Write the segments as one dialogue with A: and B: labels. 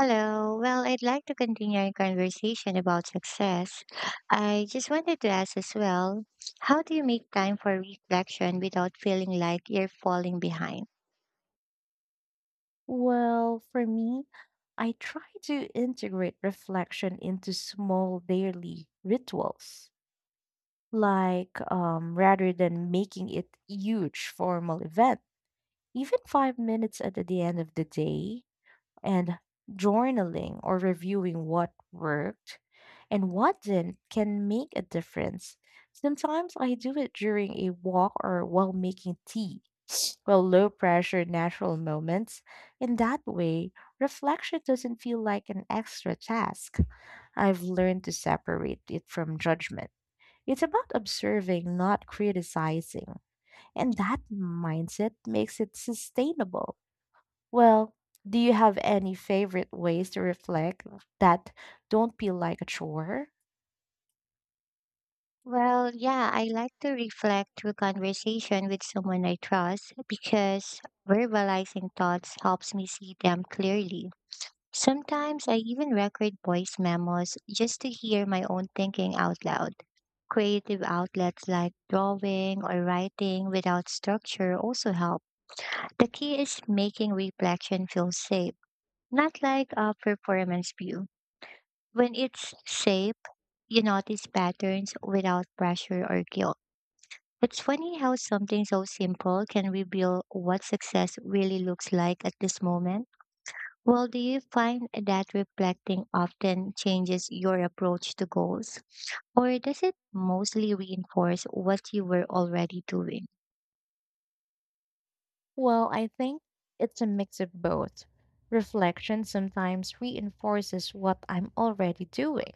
A: Hello. Well, I'd like to continue our conversation about success. I just wanted to ask as well, how do you make time for reflection without feeling like you're falling behind?
B: Well, for me, I try to integrate reflection into small daily rituals, rather than making it huge formal event, even 5 minutes at the end of the day, and journaling or reviewing what worked and what didn't can make a difference. Sometimes I do it during a walk or while making tea well, low pressure natural moments. In that way, reflection doesn't feel like an extra task. I've learned to separate it from judgment. It's about observing, not criticizing. And that mindset makes it sustainable. Well, do you have any favorite ways to reflect that don't feel like a chore?
A: Well, yeah, I like to reflect through conversation with someone I trust because verbalizing thoughts helps me see them clearly. Sometimes I even record voice memos just to hear my own thinking out loud. Creative outlets like drawing or writing without structure also help. The key is making reflection feel safe, not like a performance view. When it's safe, you notice patterns without pressure or guilt. It's funny how something so simple can reveal what success really looks like at this moment. Well, do you find that reflecting often changes your approach to goals, or does it mostly reinforce what you were already doing?
B: Well, I think it's a mix of both. Reflection sometimes reinforces what I'm already doing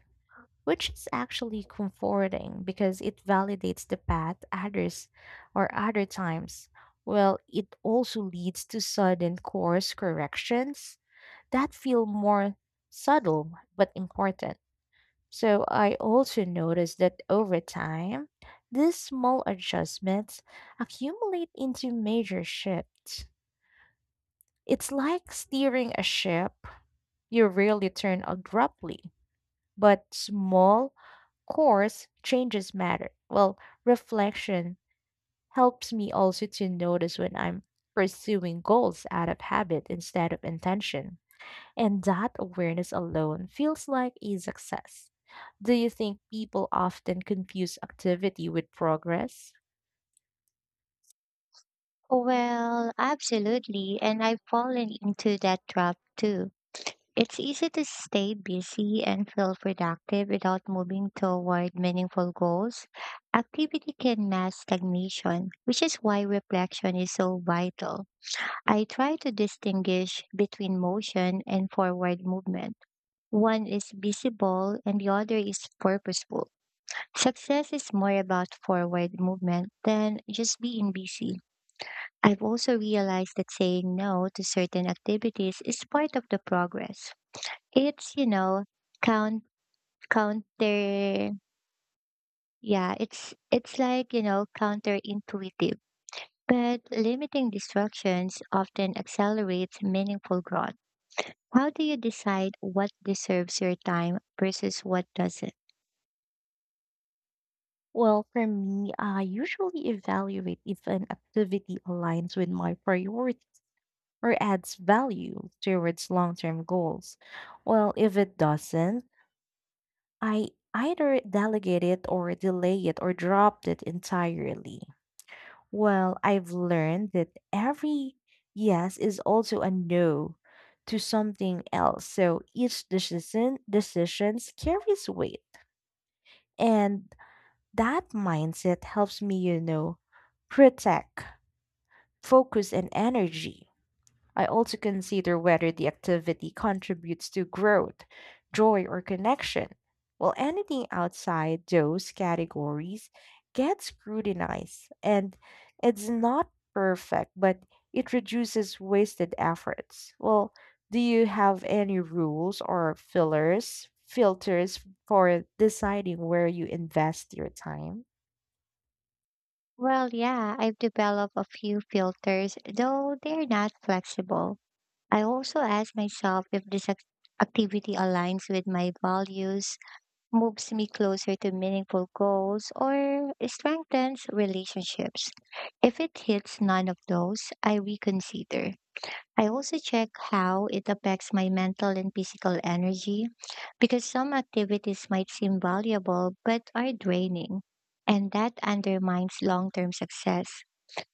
B: which is actually comforting because it validates the path others or other times. Well, it also leads to sudden course corrections that feel more subtle but important. So I also noticed that over time, these small adjustments accumulate into major shifts. It's like steering a ship you rarely turn abruptly, but small course, changes matter. Well, reflection helps me also to notice when I'm pursuing goals out of habit instead of intention. And that awareness alone feels like a success. Do you think people often confuse activity with progress?
A: Well, absolutely. And I've fallen into that trap too. It's easy to stay busy and feel productive without moving toward meaningful goals. Activity can mask stagnation, which is why reflection is so vital. I try to distinguish between motion and forward movement. One is visible and the other is purposeful. Success is more about forward movement than just being busy. I've also realized that saying no to certain activities is part of the progress. It's, you know, count counter it's like, counterintuitive. But limiting distractions often accelerates meaningful growth. How do you decide what deserves your time versus what doesn't?
B: Well, for me, I usually evaluate if an activity aligns with my priority or adds value towards long term goals. Well, if it doesn't, I either delegate it or delay it or dropped it entirely. Well, I've learned that every yes is also a no to something else. So each decisions carries weight. And that mindset helps me, you know, protect focus and energy. I also consider whether the activity contributes to growth, joy, or connection, while anything outside those categories gets scrutinized. And it's not perfect, but it reduces wasted efforts. Well, do you have any rules or filters for deciding where you invest your time?
A: Well, yeah, I've developed a few filters, though they're not flexible. I also ask myself if activity aligns with my values, moves me closer to meaningful goals, or strengthens relationships. If it hits none of those, I reconsider. I also check how it affects my mental and physical energy because some activities might seem valuable but are draining, and that undermines long term success.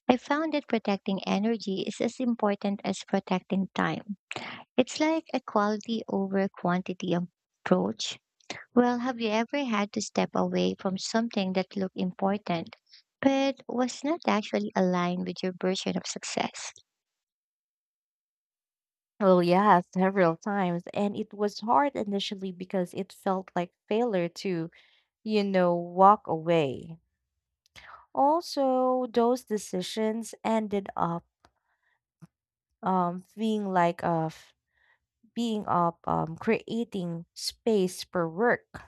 A: I found that protecting energy is as important as protecting time. It's like a quality over quantity approach. Well, have you ever had to step away from something that looked important but was not actually aligned with your version of success?
B: Well, yeah, several times. And it was hard initially because it felt like failure to you know, walk away. Also, those decisions ended up being like a f- being up creating space for work.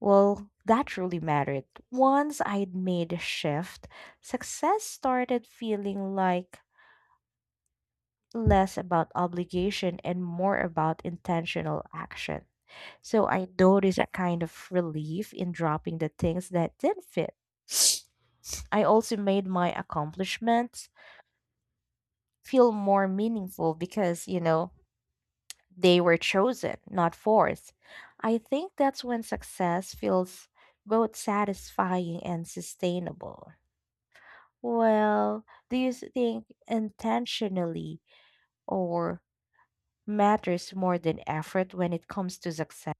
B: Well, that truly mattered. Once I'd made a shift, success started feeling like less about obligation and more about intentional action. So I noticed a kind of relief in dropping the things that didn't fit. I also made my accomplishments feel more meaningful because, you know, they were chosen, not forced. I think that's when success feels both satisfying and sustainable. Well, do you think intentionally or matters more than effort when it comes to success?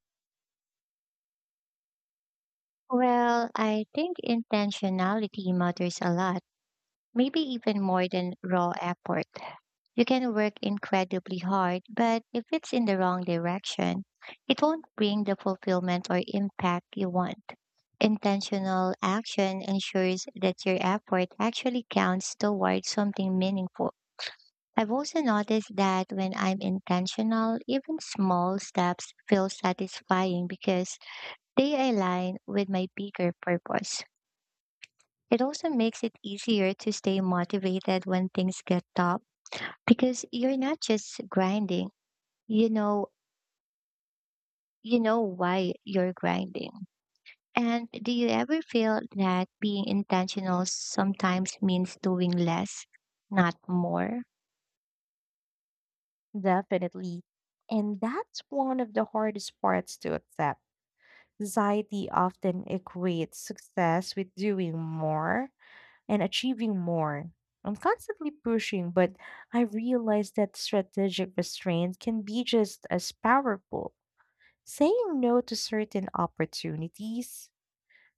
A: Well, I think intentionality matters a lot, maybe even more than raw effort. You can work incredibly hard, but if it's in the wrong direction, it won't bring the fulfillment or impact you want. Intentional action ensures that your effort actually counts toward something meaningful. I've also noticed that when I'm intentional, even small steps feel satisfying because they align with my bigger purpose. It also makes it easier to stay motivated when things get tough because you're not just grinding. You know, you know why you're grinding. And do you ever feel that being intentional sometimes means doing less, not more?
B: Definitely. And that's one of the hardest parts to accept. Society often equates success with doing more and achieving more. I'm constantly pushing, but I realize that strategic restraint can be just as powerful. Saying no to certain opportunities,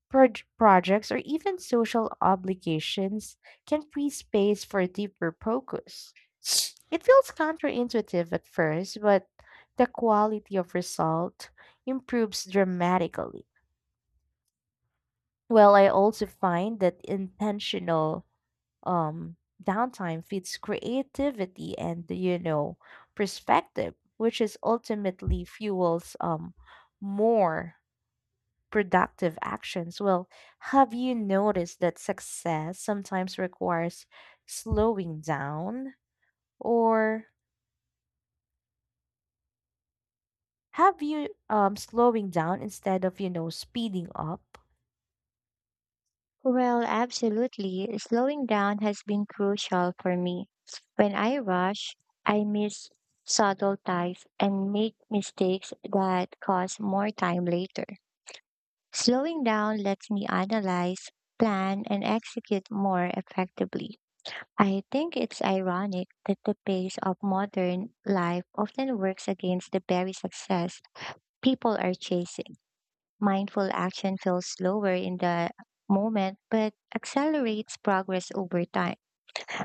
B: projects, or even social obligations can free space for deeper focus. It feels counterintuitive at first, but the quality of result improves dramatically. Well, I also find that intentional um, downtime feeds creativity and you know perspective, which is ultimately fuels more productive actions. Well, have you noticed that success sometimes requires slowing down, or have you slowing down instead of you know speeding up?
A: Well, absolutely. Slowing down has been crucial for me. When I rush, I miss subtle ties and make mistakes that cause more time later. Slowing down lets me analyze, plan, and execute more effectively. I think it's ironic that the pace of modern life often works against the very success people are chasing. Mindful action feels slower in the moment but accelerates progress over time.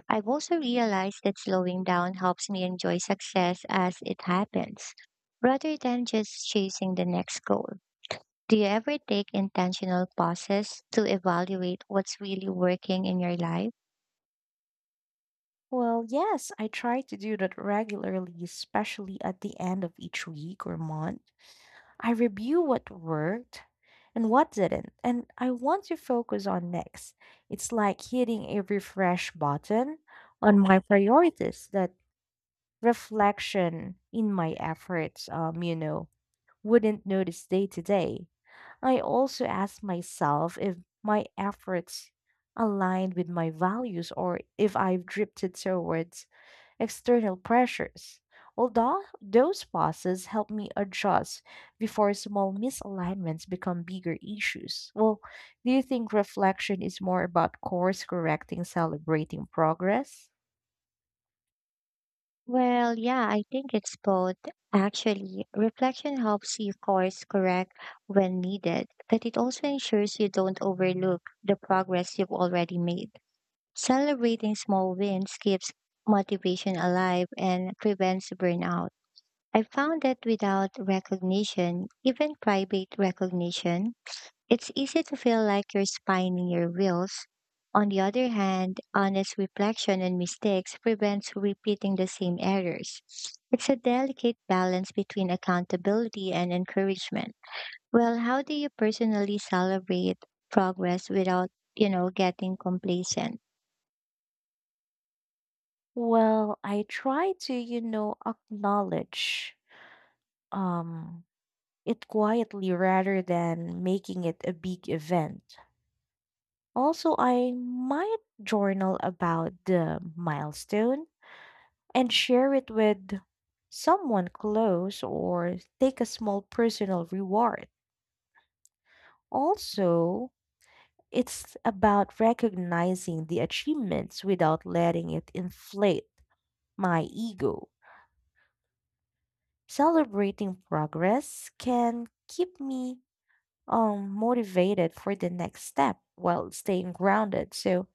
A: I've also realized that slowing down helps me enjoy success as it happens rather than just chasing the next goal. Do you ever take intentional pauses to evaluate what's really working in your life?
B: Well, yes, I try to do that regularly, especially at the end of each week or month I review what worked and what didn't, and I want to focus on next. It's like hitting a refresh button on my priorities that reflection in my efforts, wouldn't notice day to day. I also ask myself if my efforts aligned with my values or if I've drifted towards external pressures. Although those pauses help me adjust before small misalignments become bigger issues. Well, do you think reflection is more about course correcting, celebrating progress?
A: Well, yeah, I think it's both. Actually, reflection helps you course correct when needed, but it also ensures you don't overlook the progress you've already made. Celebrating small wins keeps motivation alive and prevents burnout. I found that without recognition, even private recognition, it's easy to feel like you're spinning your wheels. On the other hand, honest reflection on mistakes prevents repeating the same errors. It's a delicate balance between accountability and encouragement. Well, how do you personally celebrate progress without, getting complacent?
B: Well, I try to, you know, acknowledge um, it quietly rather than making it a big event. Also, I might journal about the milestone and share it with someone close or take a small personal reward. Also, it's about recognizing the achievements without letting it inflate my ego. Celebrating progress can keep me motivated for the next step while staying grounded. So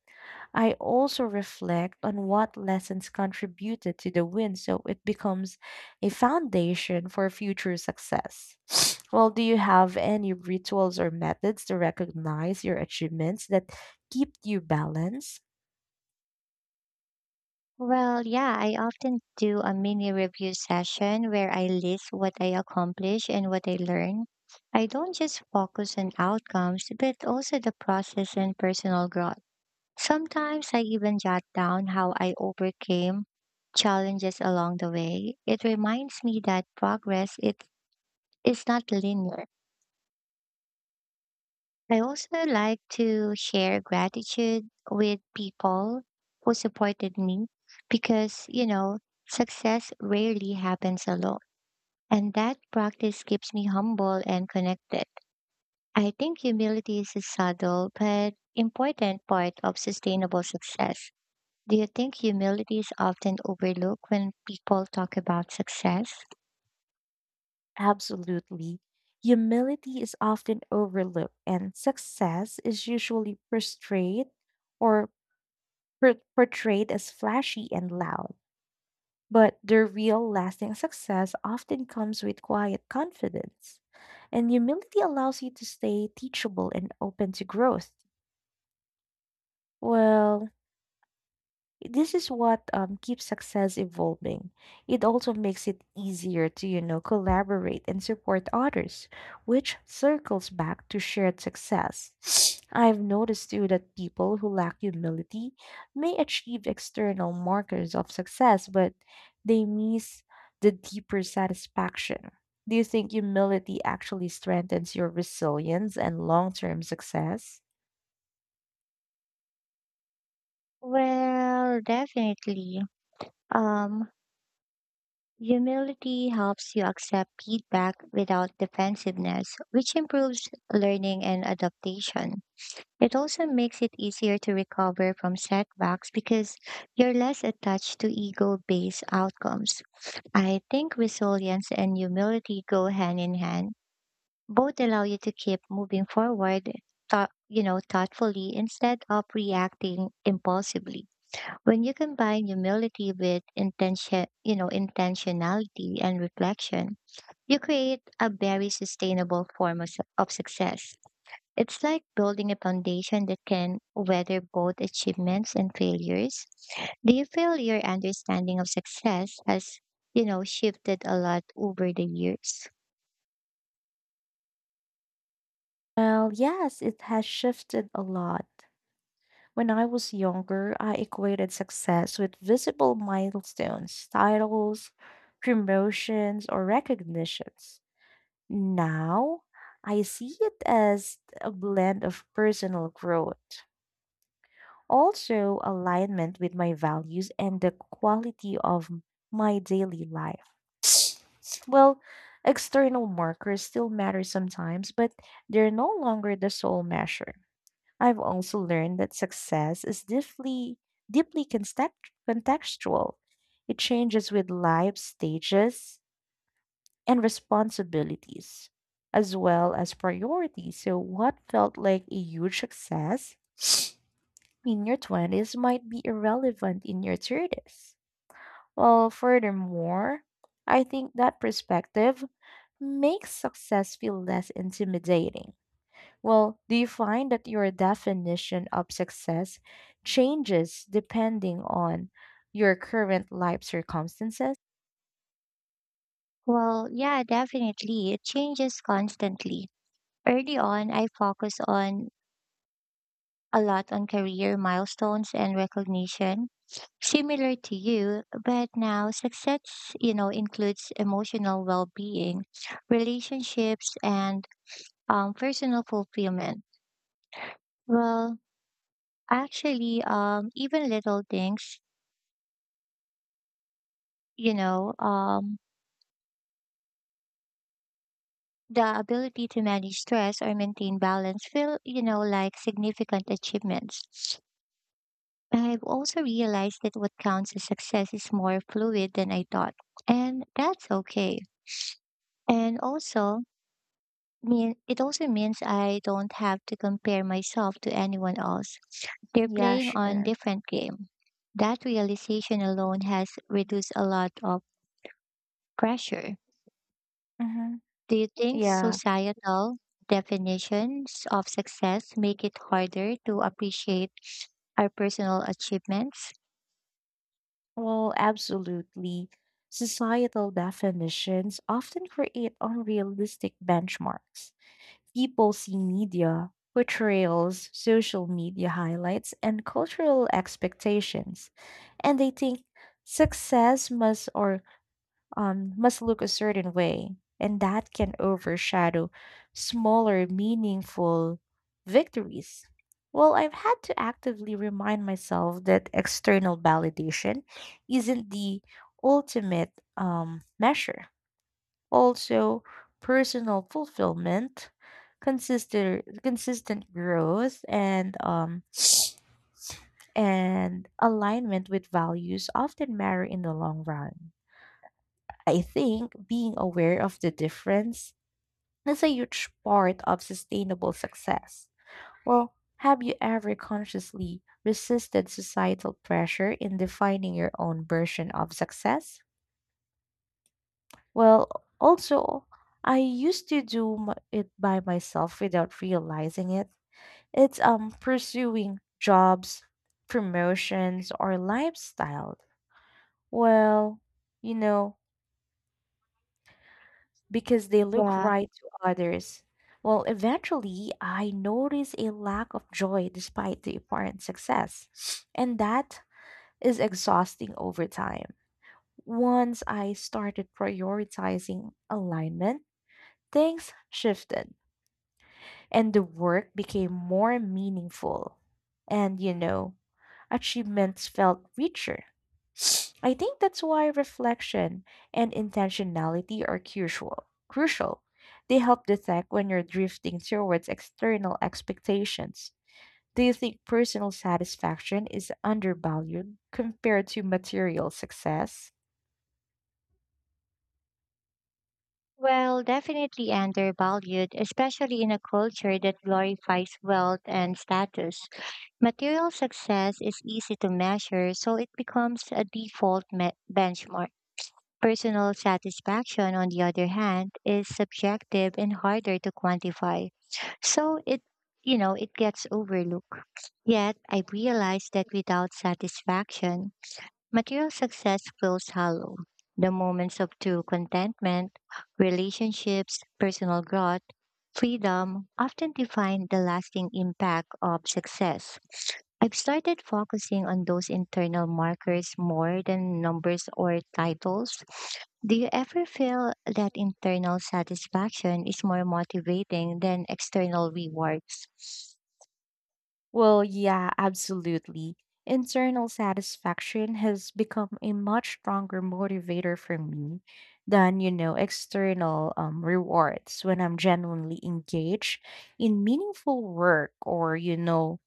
B: I also reflect on what lessons contributed to the win so it becomes a foundation for future success. Well, do you have any rituals or methods to recognize your achievements that keep you balanced?
A: Well, yeah, I often do a mini review session where I list what I accomplished and what I learned. I don't just focus on outcomes, but also the process and personal growth. Sometimes I even jot down how I overcame challenges along the way. It reminds me that progress it is not linear. I also like to share gratitude with people who supported me because, success rarely happens alone. And that practice keeps me humble and connected. I think humility is a subtle but important part of sustainable success. Do you think humility is often overlooked when people talk about success?
B: Absolutely. Humility is often overlooked, and success is usually portrayed or portrayed as flashy and loud. But their real lasting success often comes with quiet confidence. And humility allows you to stay teachable and open to growth. Well, this is what keeps success evolving. It also makes it easier to, you know, collaborate and support others, which circles back to shared success. I've noticed too that people who lack humility may achieve external markers of success, but they miss the deeper satisfaction. Do you think humility actually strengthens your resilience and long term success?
A: Well, definitely. Um, Humility helps you accept feedback without defensiveness, which improves learning and adaptation. It also makes it easier to recover from setbacks because you're less attached to ego based outcomes. I think resilience and humility go hand in hand. Both allow you to keep moving forward, thoughtfully instead of reacting impulsively. When you combine humility with intention, intentionality and reflection, you create a very sustainable form of success. It's like building a foundation that can weather both achievements and failures. Do you feel your understanding of success has, shifted a lot over the years?
B: Well, yes, it has shifted a lot. When I was younger, I equated success with visible milestones, titles, promotions, or recognitions. Now, I see it as a blend of personal growth, also alignment with my values and the quality of my daily life. Well, external markers still matter sometimes, but they're no longer the sole measure. I've also learned that success is deeply contextual. It changes with life stages and responsibilities, as well as priorities. So, what felt like a huge success in your 20s might be irrelevant in your 30s. Well, furthermore, I think that perspective makes success feel less intimidating. Well, do you find that your definition of success changes depending on your current life circumstances?
A: Well, yeah, definitely. It changes constantly. Early on, I focus on a lot on career milestones and recognition, similar to you, but now success, includes emotional well-being, relationships, and personal fulfillment. Well, actually, even little things, you know, um, the ability to manage stress or maintain balance feel, like significant achievements. I've also realized that what counts as success is more fluid than I thought, and that's okay. And also, mean it also means I don't have to compare myself to anyone else. They're
B: Yeah,
A: playing on
B: sure.
A: different game. That realization alone has reduced a lot of pressure.
B: Mm-hmm.
A: Do you think
B: Yeah,
A: societal definitions of success make it harder to appreciate our personal achievements?
B: well, absolutely. Societal definitions often create unrealistic benchmarks. People see media, portrayals, social media highlights, and cultural expectations, and they think success must look a certain way, and that can overshadow smaller, meaningful victories. Well, I've had to actively remind myself that external validation isn't the ultimate measure. Also, personal fulfillment, consistent growth, and alignment with values often matter in the long run. I think being aware of the difference is a huge part of sustainable success. Well, have you ever consciously resisted societal pressure in defining your own version of success? Well, also, I used to do it by myself without realizing it. It's pursuing jobs, promotions, or lifestyle. Well, you know, because they look
A: Yeah.
B: right to others. Well, eventually, I notice a lack of joy despite the apparent success, and that is exhausting over time. Once I started prioritizing alignment, things shifted, and the work became more meaningful. And you know, achievements felt richer. I think that's why reflection and intentionality are crucial. Crucial. They help detect when you're drifting towards external expectations. Do you think personal satisfaction is undervalued compared to material success?
A: Well, definitely undervalued, especially in a culture that glorifies wealth and status. Material success is easy to measure, so it becomes a benchmark. Personal satisfaction, on the other hand, is subjective and harder to quantify. So it, it gets overlooked. Yet I realized that without satisfaction, material success feels hollow. The moments of true contentment, relationships, personal growth, freedom often define the lasting impact of success. I've started focusing on those internal markers more than numbers or titles. Do you ever feel that internal satisfaction is more motivating than external rewards?
B: Well, yeah, absolutely. Internal satisfaction has become a much stronger motivator for me than, you know, external rewards when I'm genuinely engaged in meaningful work or, you know,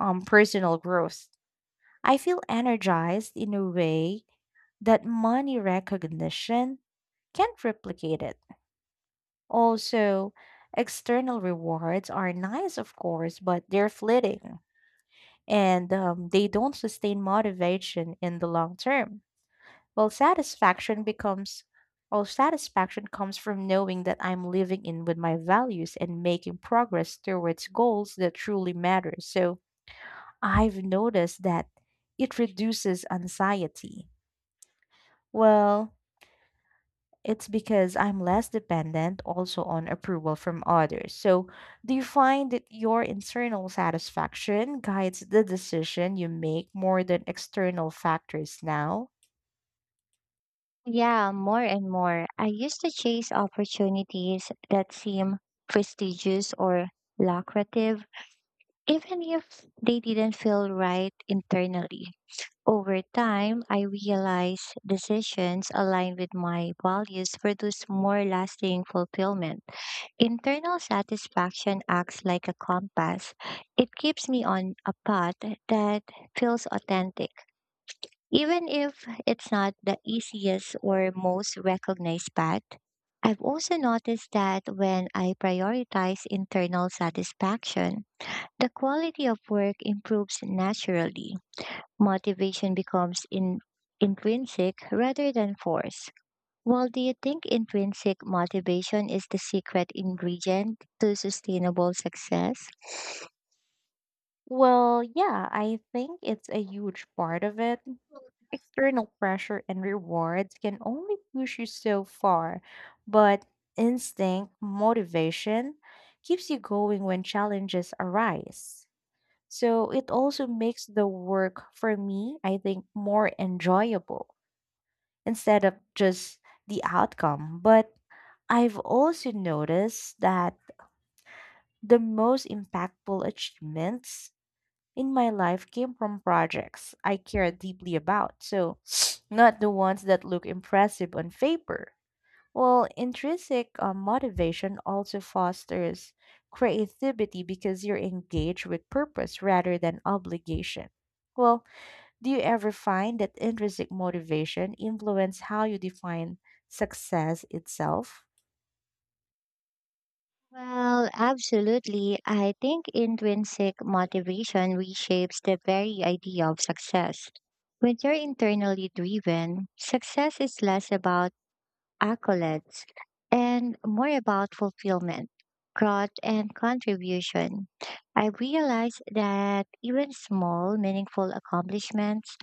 B: personal growth. I feel energized in a way that money recognition can't replicate it. Also, external rewards are nice, of course, but they're fleeting and they don't sustain motivation in the long term. Well, satisfaction becomes, well, satisfaction comes from knowing that I'm living in with my values and making progress towards goals that truly matter. So I've noticed that it reduces anxiety. Well, it's because I'm less dependent also on approval from others. So, do you find that your internal satisfaction guides the decision you make more than external factors now?
A: Yeah, more and more. I used to chase opportunities that seem prestigious or lucrative, even if they didn't feel right internally. Over time, I realized decisions aligned with my values produce more lasting fulfillment. Internal satisfaction acts like a compass. It keeps me on a path that feels authentic. Even if it's not the easiest or most recognized path, I've also noticed that when I prioritize internal satisfaction, the quality of work improves naturally. Motivation becomes intrinsic rather than forced. Well, do you think intrinsic motivation is the secret ingredient to sustainable success?
B: Well, yeah, I think it's a huge part of it. External pressure and rewards can only push you so far, but instinct, motivation keeps you going when challenges arise. So it also makes the work for me, I think, more enjoyable instead of just the outcome. But I've also noticed that the most impactful achievements in my life came from projects I care deeply about. So not the ones that look impressive on paper. Well, intrinsic motivation also fosters creativity because you're engaged with purpose rather than obligation. Well, do you ever find that intrinsic motivation influence how you define success itself?
A: Well, absolutely. I think intrinsic motivation reshapes the very idea of success. When you're internally driven, success is less about accolades and more about fulfillment, growth, and contribution. I realized that even small, meaningful accomplishments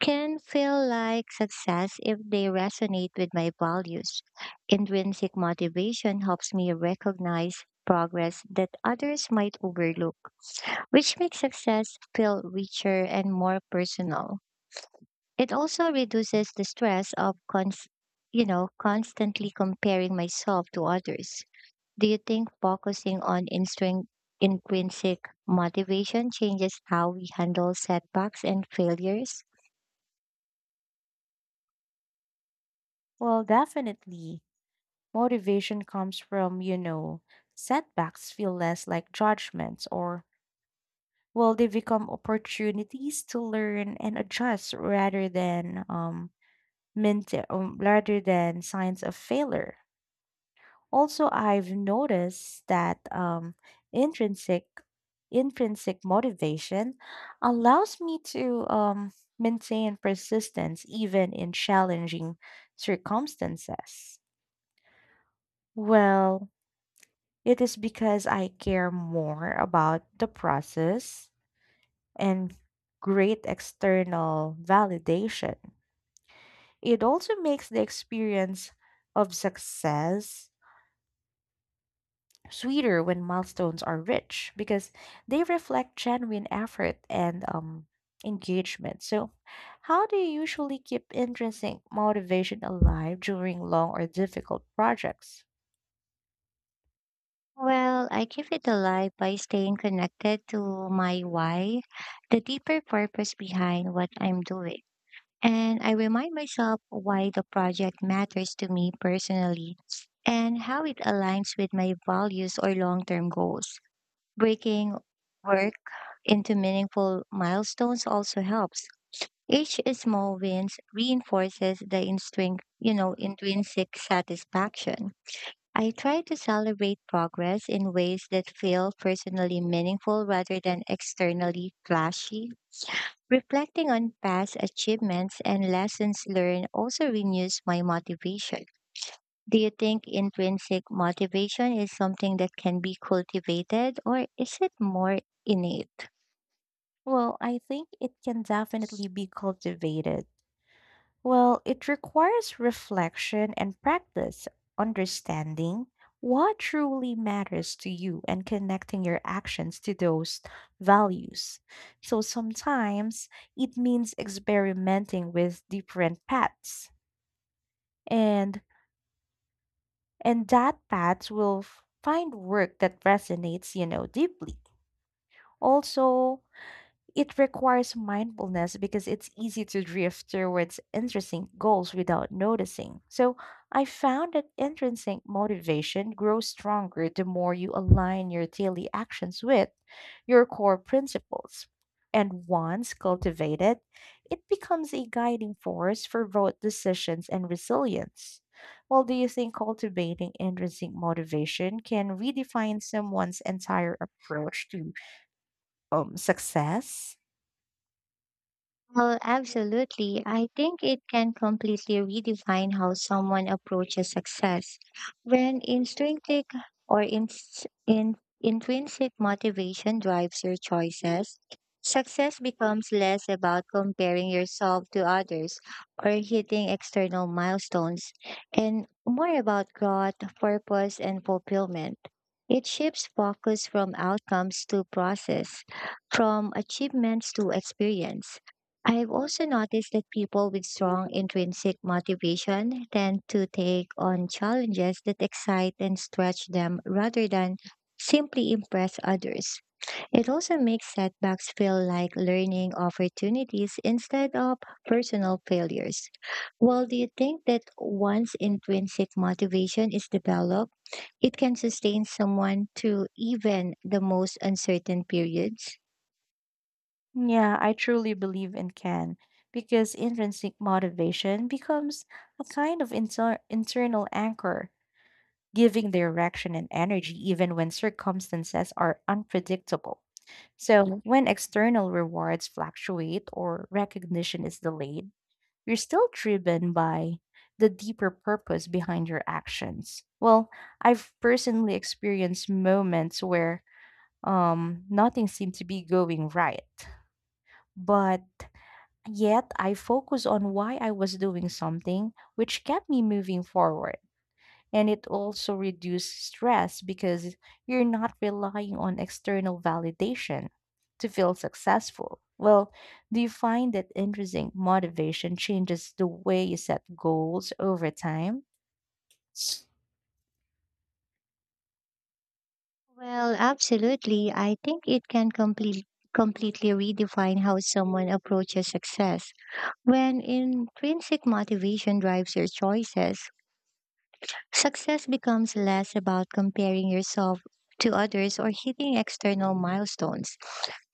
A: can feel like success if they resonate with my values. Intrinsic motivation helps me recognize progress that others might overlook, which makes success feel richer and more personal. It also reduces the stress of constantly comparing myself to others. Do you think focusing on intrinsic motivation changes how we handle setbacks and failures?
B: Well, definitely. Motivation comes from, you know, setbacks feel less like judgments or well, they become opportunities to learn and adjust rather than signs of failure. Also, I've noticed that intrinsic intrinsic motivation allows me to maintain persistence even in challenging circumstances. Well, it is because I care more about the process and great external validation. It also makes the experience of success sweeter when milestones are rich because they reflect genuine effort and engagement. So, how do you usually keep intrinsic motivation alive during long or difficult projects?
A: Well, I keep it alive by staying connected to my why, the deeper purpose behind what I'm doing. And I remind myself why the project matters to me personally and how it aligns with my values or long term goals. Breaking work into meaningful milestones also helps. Each small wins reinforces the intrinsic satisfaction. I try to celebrate progress in ways that feel personally meaningful rather than externally flashy. Reflecting on past achievements and lessons learned also renews my motivation. Do you think intrinsic motivation is something that can be cultivated or is it more innate?
B: Well, I think it can definitely be cultivated Well, it requires reflection and practice, understanding what truly matters to you and connecting your actions to those values. So sometimes it means experimenting with different paths and that path will find work that resonates, you know, deeply. Also, it requires mindfulness because it's easy to drift towards interesting goals without noticing. So I found that intrinsic motivation grows stronger the more you align your daily actions with your core principles. And once cultivated, it becomes a guiding force for both decisions and resilience. Well, do you think cultivating intrinsic motivation can redefine someone's entire approach to success?
A: Well, absolutely. I think it can completely redefine how someone approaches success. When intrinsic or ins in intrinsic motivation drives your choices, success becomes less about comparing yourself to others or hitting external milestones and more about growth, purpose, and fulfillment. It shifts focus from outcomes to process, from achievements to experience. I've also noticed that people with strong intrinsic motivation tend to take on challenges that excite and stretch them rather than simply impress others. It also makes setbacks feel like learning opportunities instead of personal failures. Well, do you think that once intrinsic motivation is developed, it can sustain someone through even the most uncertain periods?
B: Yeah, I truly believe it can because intrinsic motivation becomes a kind of internal anchor, giving direction and energy even when circumstances are unpredictable. So, when external rewards fluctuate or recognition is delayed, you're still driven by the deeper purpose behind your actions. Well, I've personally experienced moments where nothing seemed to be going right, but yet I focus on why I was doing something, which kept me moving forward. And it also reduced stress because you're not relying on external validation to feel successful. Well, do you find that intrinsic motivation changes the way you set goals over time?
A: Well, absolutely. I think it can completely redefine how someone approaches success. When intrinsic motivation drives your choices, success becomes less about comparing yourself to others or hitting external milestones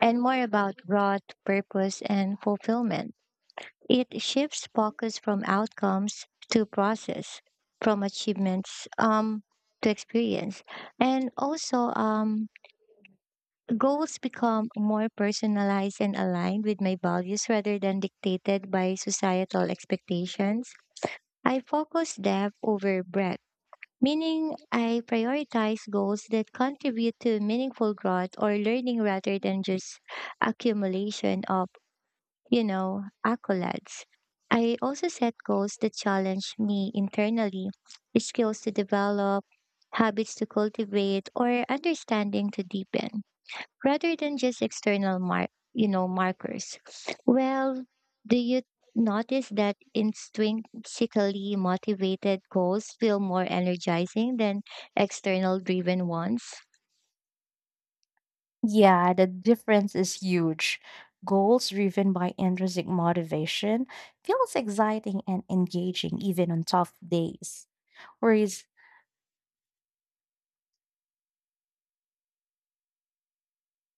A: and more about broad purpose and fulfillment. It shifts focus from outcomes to process, from achievements to experience. And also, goals become more personalized and aligned with my values rather than dictated by societal expectations. I focus depth over breadth, meaning I prioritize goals that contribute to meaningful growth or learning rather than just accumulation of, accolades. I also set goals that challenge me internally, skills to develop, habits to cultivate, or understanding to deepen rather than just external markers. Well, do you notice that intrinsically motivated goals feel more energizing than external driven ones?
B: Yeah, the difference is huge. Goals driven by intrinsic motivation feels exciting and engaging even on tough days, whereas